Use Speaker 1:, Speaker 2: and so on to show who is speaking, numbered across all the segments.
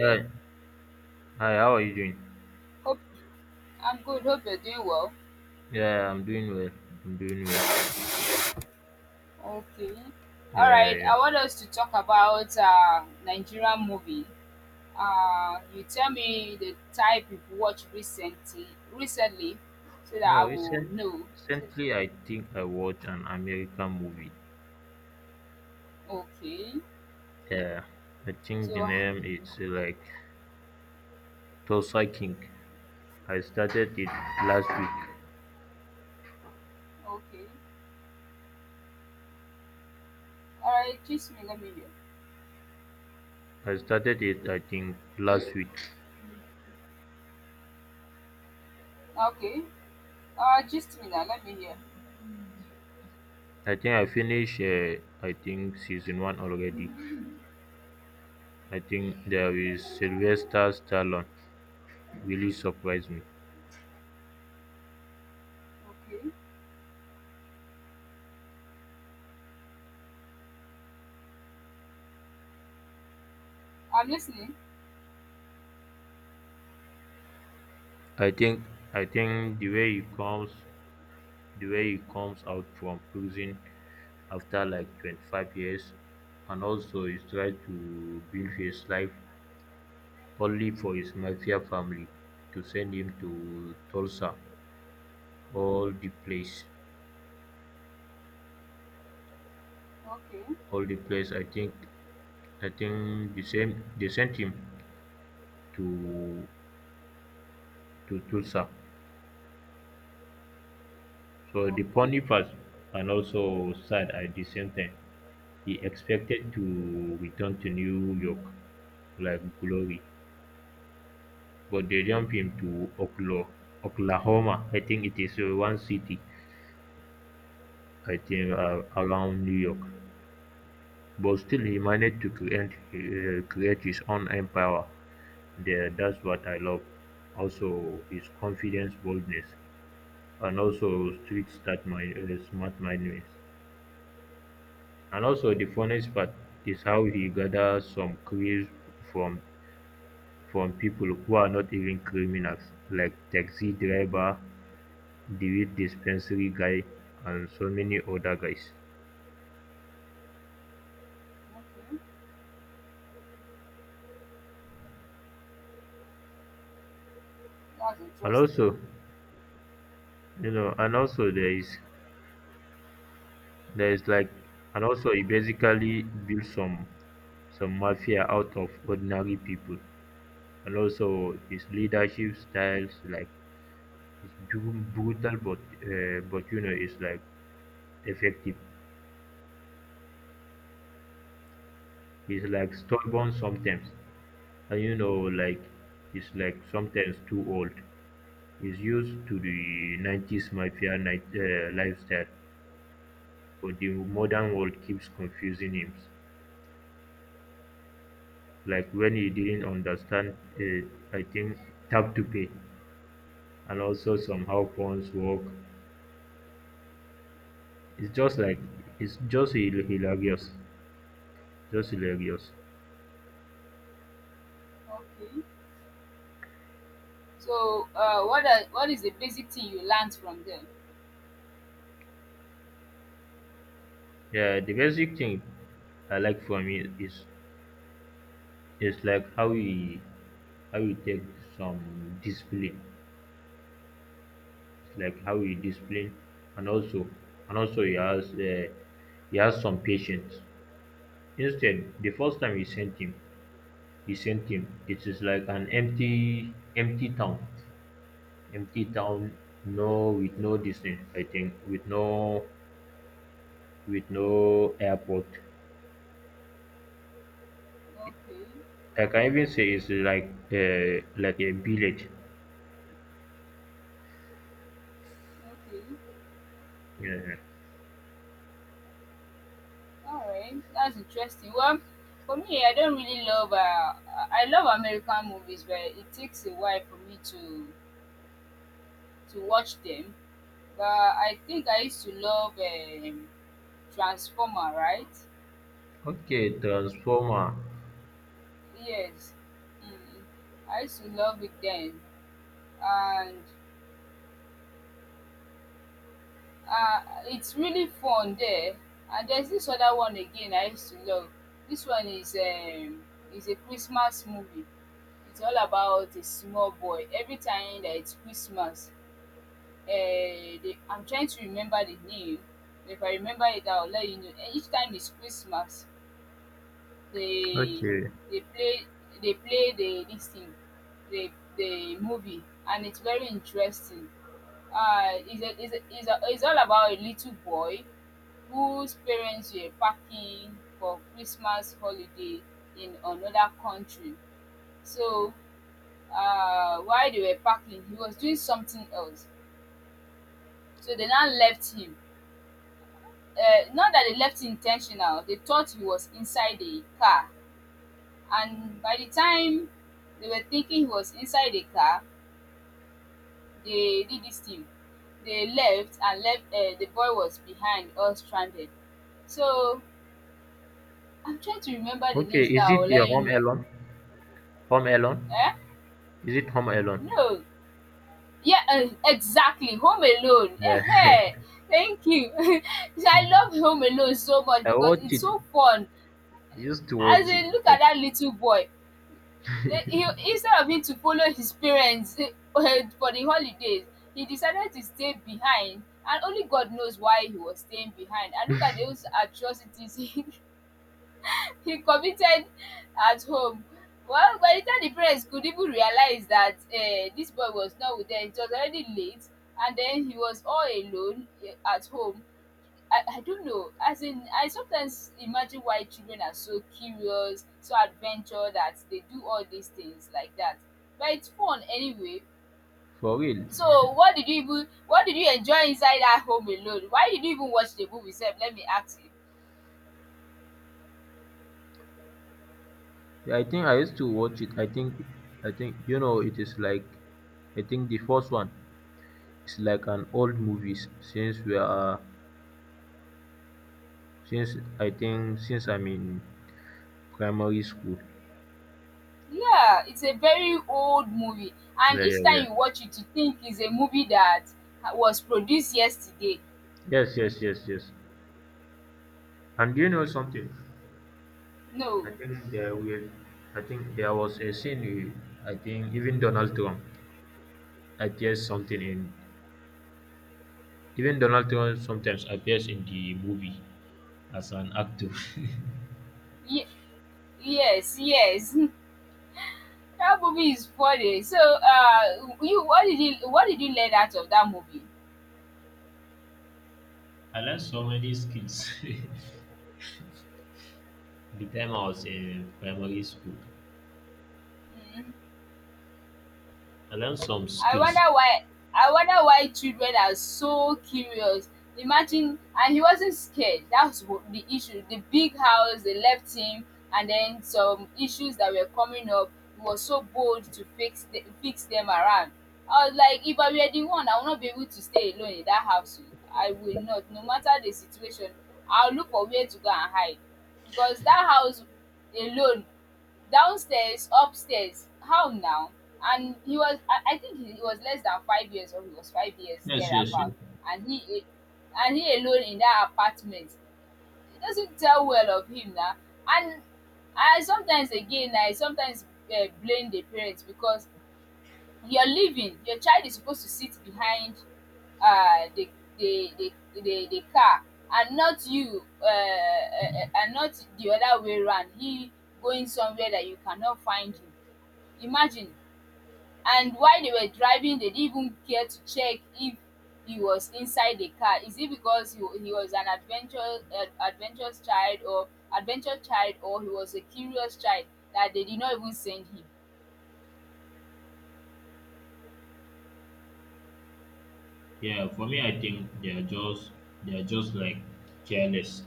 Speaker 1: Doing?
Speaker 2: Hi, hi, how are you doing?
Speaker 1: Hope I'm good. Hope you're doing well.
Speaker 2: Yeah, I'm doing well. I'm doing well.
Speaker 1: Okay. All
Speaker 2: Yeah, yeah,
Speaker 1: right.
Speaker 2: yeah.
Speaker 1: I want us to talk about Nigerian movie. You tell me the type you've watched recently, recently, so that I
Speaker 2: No,
Speaker 1: will
Speaker 2: recent,
Speaker 1: know. So-
Speaker 2: recently I think I watched an American movie.
Speaker 1: Okay.
Speaker 2: Yeah, I think the
Speaker 1: So
Speaker 2: name is like Tulsa King. I started it last week.
Speaker 1: okay. All right. Just me. Let me hear.
Speaker 2: I started it, I think, last week.
Speaker 1: Okay. Just me now. Let me hear.
Speaker 2: I think I finished, I think, season one already. I think there is Sylvester Stallone really surprised me.
Speaker 1: Okay. I'm listening.
Speaker 2: I think I think the way he comes. The way he comes out from prison after like 25 years, and also he tries to build his life only for his mafia family to send him to Tulsa, all the place,
Speaker 1: Okay.
Speaker 2: all the place. I think the same they sent him to to Tulsa. So the
Speaker 1: Okay.
Speaker 2: funny part, and also sad at the same time, he expected to return to New York like glory. But they jump him to Oklo Oklahoma. I think it is one city. I think around New York. But still, he managed to create create his own empire. There, that's what I love. Also, his confidence, boldness, and also street smart mind, smart mindedness. And also, the
Speaker 1: Okay.
Speaker 2: funniest part is how he gathers some clues from from people who are not even criminals, like taxi driver, the dispensary guy, and so many other guys.
Speaker 1: Okay. That's
Speaker 2: And
Speaker 1: interesting.
Speaker 2: also, and also there is there is like, and also he basically built some mafia out of ordinary people. And also his leadership styles, like, it's brutal, but you know, it's like effective. He's like stubborn sometimes, and you know, like, he's like sometimes too old. He's used to the 90s mafia night, lifestyle, but the modern world keeps confusing him. Like when he didn't understand, I think, tap to pay, and also somehow phones work. It's just like, it's just hilarious, just hilarious.
Speaker 1: Okay. So, what is the basic thing you learned from them?
Speaker 2: Yeah, the basic thing I like from it is like how we take some discipline. It's like how we discipline, and also and also he has some patience. Instead, the first time we sent him, the same thing. It is like an empty town, empty town. No, with no distance. I think with no airport.
Speaker 1: Okay,
Speaker 2: I can even say it's like a village.
Speaker 1: okay,
Speaker 2: Yeah.
Speaker 1: all right, that's interesting. Well, for me, I don't really love. I love American movies, but it takes a while for me to watch them. But I think I used to love Transformer, right?
Speaker 2: Okay, transformer.
Speaker 1: Yes, mm. I used to love it then, and it's really fun there. And there's this other one again I used to love. This one is a Christmas movie. It's all about a small boy. Every time that it's Christmas, I'm trying to remember the name. If I remember it, I'll let you know. And each time it's Christmas, they
Speaker 2: Okay.
Speaker 1: they play they play the this thing the the movie, and it's very interesting. It's all about a little boy whose parents were packing for Christmas holiday in another country. So while they were packing, he was doing something else. So they now left him. Not that they left intentional, they thought he was inside the car. And by the time they were thinking he was inside the car, they did this thing. They left and left. The boy was behind, all stranded. So I'm trying to remember the name
Speaker 2: Okay,
Speaker 1: so that
Speaker 2: is
Speaker 1: I will
Speaker 2: it the
Speaker 1: let you
Speaker 2: Home
Speaker 1: know.
Speaker 2: Alone? Home Alone?
Speaker 1: Eh?
Speaker 2: Is it Home Alone?
Speaker 1: No. Yeah, exactly. Home Alone.
Speaker 2: Yeah.
Speaker 1: Thank you. I love Home Alone so much
Speaker 2: I
Speaker 1: because
Speaker 2: watch
Speaker 1: it's
Speaker 2: it.
Speaker 1: so fun.
Speaker 2: I used to
Speaker 1: As
Speaker 2: watch it.
Speaker 1: in, look at
Speaker 2: Like,
Speaker 1: that little boy. Like he, instead of him to follow his parents for the holidays, he decided to stay behind, and only God knows why he was staying behind, and look at those atrocities he committed at home. Well, by the time the parents could even realize that dis boy was not with dem, it was already late, and then he was all alone, at home. I don't know. As in, I sometimes imagine why children are so curious, so adventurous, that they do all these things like that. But it's fun anyway.
Speaker 2: for real.
Speaker 1: So, what did you enjoy inside that Home Alone? Why did you even watch the movie? Sef, let me ask you.
Speaker 2: Yeah, I think I used to watch it. I think you know, it is like, I think the first one is like an old movies since we are, since I think since I'm in primary school.
Speaker 1: Yeah, it's a very old movie, and
Speaker 2: Yeah,
Speaker 1: each
Speaker 2: yeah,
Speaker 1: time
Speaker 2: yeah.
Speaker 1: you watch it, you think it's a movie that was produced yesterday.
Speaker 2: Yes, yes, yes, yes. And do you know something?
Speaker 1: No,
Speaker 2: I think there will, I think there was a scene. I think even Donald Trump appears something in. Even Donald Trump sometimes appears in the movie as an actor.
Speaker 1: Ye- yes, yes. That movie is funny. So, you what did you what did you learn out of that movie?
Speaker 2: I learned so many skills. The time I was in primary school,
Speaker 1: Mm.
Speaker 2: I learned some
Speaker 1: I wonder
Speaker 2: skills.
Speaker 1: why I wonder why children are so curious. Imagine, and he wasn't scared. That's what the issue. The big house, they left him, and then some issues that were coming up. He was so bold to fix fix them around. I was like, if I were the one, I would not be able to stay alone in that house. I will not, no matter the situation. I'll look for where to go and hide. Because that house alone, downstairs, upstairs, how now? And I think he was less than 5 years, or he was 5 years
Speaker 2: Yes, yes, yes.
Speaker 1: thereabout. And he, and he alone in that apartment. It doesn't tell well of him now. And I sometimes again, I sometimes blame the parents because you're leaving your child is supposed to sit behind uh, the the the the car, and not you, and not the other way round, he going somewhere that you cannot find him. Imagine. And while they were driving, they didn't even care to check if he was inside the car. Is it because he was an adventure adventurous child, or adventure child, or he was a curious child, that they did not even send him?
Speaker 2: Yeah, for me, I think they are just like careless,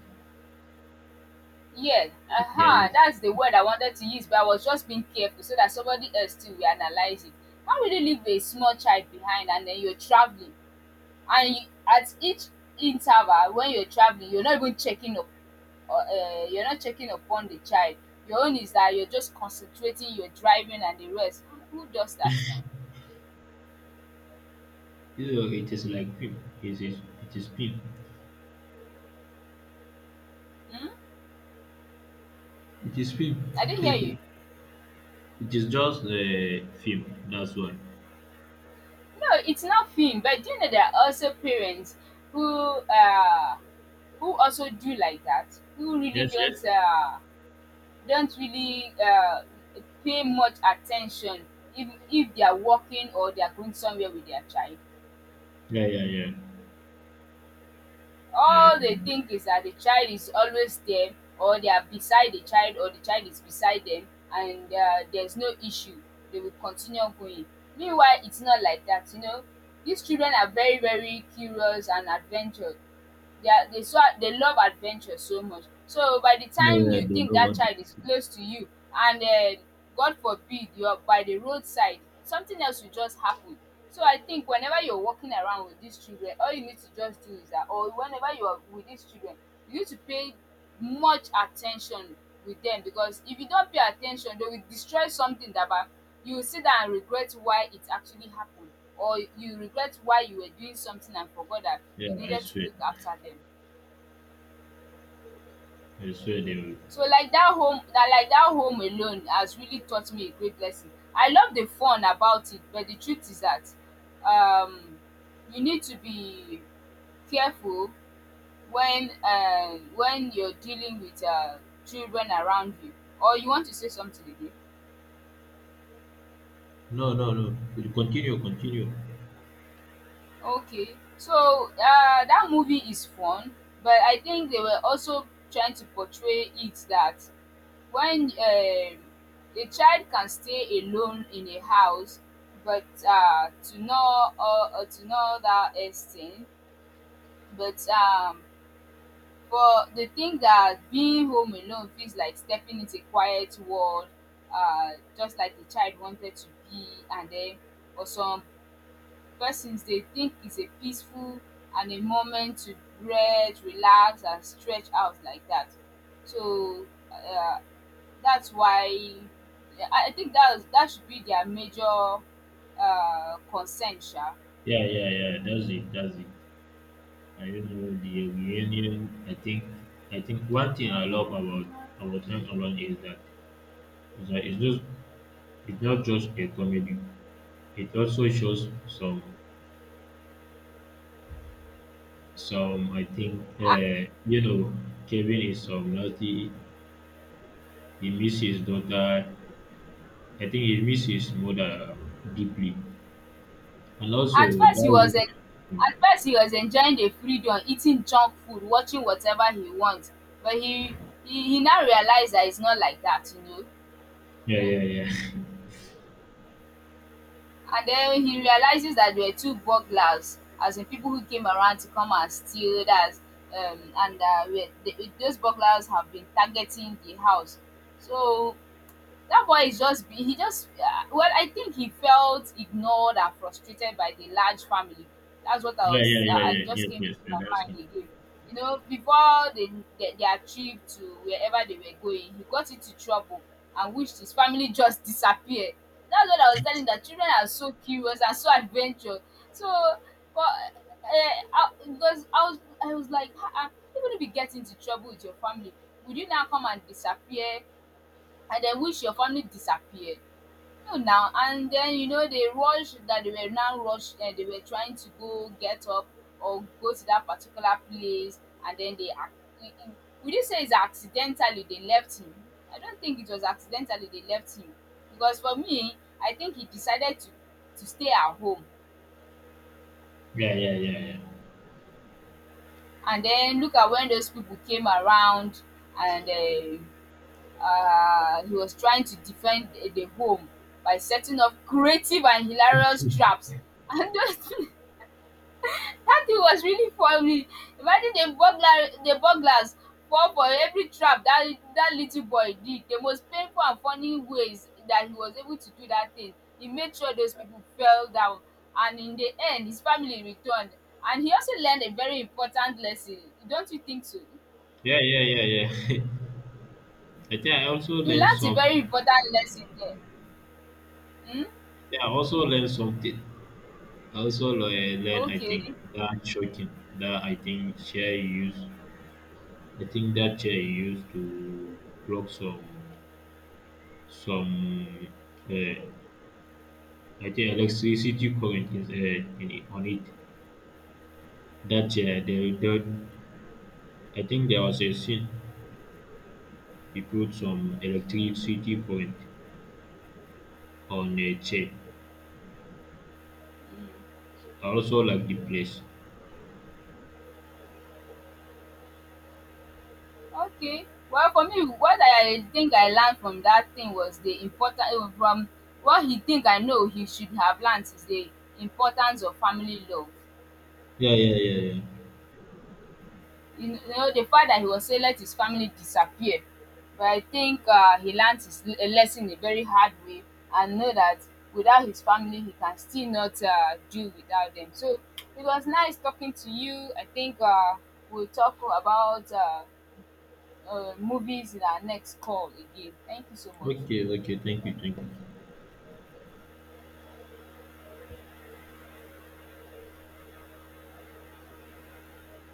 Speaker 1: Yes, aha,
Speaker 2: careless.
Speaker 1: that's the word I wanted to use, but I was just being careful so that somebody else too will analyze it. How will you leave a small child behind and then you're traveling? And you, at each interval when you're traveling, you're not even checking up, or, you're not checking upon the child. Your own is that you're just concentrating, you're driving and the rest. Who does that now?
Speaker 2: You know, it is like film. It is film.
Speaker 1: Hmm?
Speaker 2: It is film.
Speaker 1: I didn't hear you.
Speaker 2: It is just the film. That's why.
Speaker 1: No, it's not film, but do you know there are also parents who uh who also do like that, who really
Speaker 2: Yes, yes.
Speaker 1: don't really pay much attention, if they are working or they are going somewhere with their child,
Speaker 2: Yeah, yeah, yeah. Yeah,
Speaker 1: all they
Speaker 2: them-
Speaker 1: think is that the child is always there, or they are beside the child, or the child is beside them, and there's no issue. They will continue going, meanwhile it's not like that, you know. These children are very, very curious and adventure, they are they so they love adventure so much. So by the
Speaker 2: yeah,
Speaker 1: time
Speaker 2: yeah.
Speaker 1: you
Speaker 2: They
Speaker 1: think
Speaker 2: know
Speaker 1: that
Speaker 2: what. To
Speaker 1: child
Speaker 2: do.
Speaker 1: is close to you, and God forbid, you're by the roadside, something else will just happen. So I think whenever you're walking around with these children, all you need to just do is that, or whenever you are with these children, you need to pay much attention with them, because if you don't pay attention, they will destroy something you will sit down and regret why it actually happened, or you regret why you were doing something and forgot that
Speaker 2: Yeah,
Speaker 1: you
Speaker 2: I
Speaker 1: needed to
Speaker 2: swear.
Speaker 1: look after them.
Speaker 2: I swear they will.
Speaker 1: So like that Home Alone has really taught me a great lesson. I love the fun about it, but the truth is that um, you need to be careful when when you're dealing with children around you. Or you want to say something again?
Speaker 2: No, no, no. Continue, continue.
Speaker 1: Okay, so that movie is fun, but I think they were also trying to portray it that when a child can stay alone in a house, but to not that extent, but for the thing that being home alone feels like stepping into a quiet world, just like the child wanted to be, and then for some persons dey think it's a peaceful and a moment to breathe, relax and stretch out like that. So uh, that's why I think that should be their major concern sha.
Speaker 2: Yeah, yeah, yeah. That's it. That's it. I don't know the reunion. I think one thing I love about Time Around is that it's just it's not just a comedy. It also shows some I think you know, Kevin is some naughty. He misses his daughter. I think he misses his mother deeply, and also
Speaker 1: At
Speaker 2: that
Speaker 1: first he was
Speaker 2: reunion.
Speaker 1: en at first he was enjoying the freedom, eating junk food, watching whatever he wants, but he now realized that it's not like that.
Speaker 2: Yeah, yeah, yeah.
Speaker 1: And then he realizes that there were two burglars, as in people who came around to come and steal. That's and we- the, Those burglars have been targeting the house. So that boy is just be he just well, I think he felt ignored and frustrated by the large family. That's what I
Speaker 2: Yeah,
Speaker 1: was,
Speaker 2: yeah, yeah,
Speaker 1: I
Speaker 2: yeah.
Speaker 1: just
Speaker 2: Yes,
Speaker 1: came to
Speaker 2: yes, yeah,
Speaker 1: my
Speaker 2: that's
Speaker 1: mind
Speaker 2: it.
Speaker 1: again. You know, before they, their trip to wherever they were going, he got into trouble, and wished his family just disappear. That's what I was telling you, that children are so curious and so adventurous. So but because I was like even if you get into trouble with your family, would you now come and disappear and then wish your family disappear? No. Now and then, you know, they were now rushed, and they were trying to go get up or go to that particular place, and then they ac- I- would you say it's accidentally they left him? I don't think it was accidentally they left him, because for me I think he decided to stay at home,
Speaker 2: Yeah, yeah, yeah, yeah.
Speaker 1: and then look at when those people came around, and he was trying to defend the home by setting up creative and hilarious traps. And those, that thing was really funny. Imagine the burglars fall for every trap that that little boy did. The most painful and funny ways that he was able to do that thing. He made sure those people fell down, and in the end, his family returned. And he also learned a very important lesson. Don't you think so?
Speaker 2: Yeah, yeah, yeah, yeah. I think I also
Speaker 1: He
Speaker 2: learned
Speaker 1: learned a
Speaker 2: some.
Speaker 1: very important lesson there. Hmm?
Speaker 2: Yeah, I also learn something. I also learn, I think,
Speaker 1: Okay.
Speaker 2: that shocking, that I think chair you use, I think that chair you use to block some, uh, I think electricity current is in it, on it. That chair, they, I think there was a scene, we put some electricity current on a chair.
Speaker 1: Hmm.
Speaker 2: I also like the place.
Speaker 1: Okay, well, for me, what I think I learned from that thing was the important from what he think I know he should have learned is the importance of family love.
Speaker 2: Yeah, yeah, yeah, yeah.
Speaker 1: You know the fact that he was say let his family disappear, but I think he learned his a lesson a very hard way, and know that without his family he can still not do without them. So it was nice talking to you. I think we'll talk about movies in our next call again. Thank you so much.
Speaker 2: Okay, okay, thank you, thank you.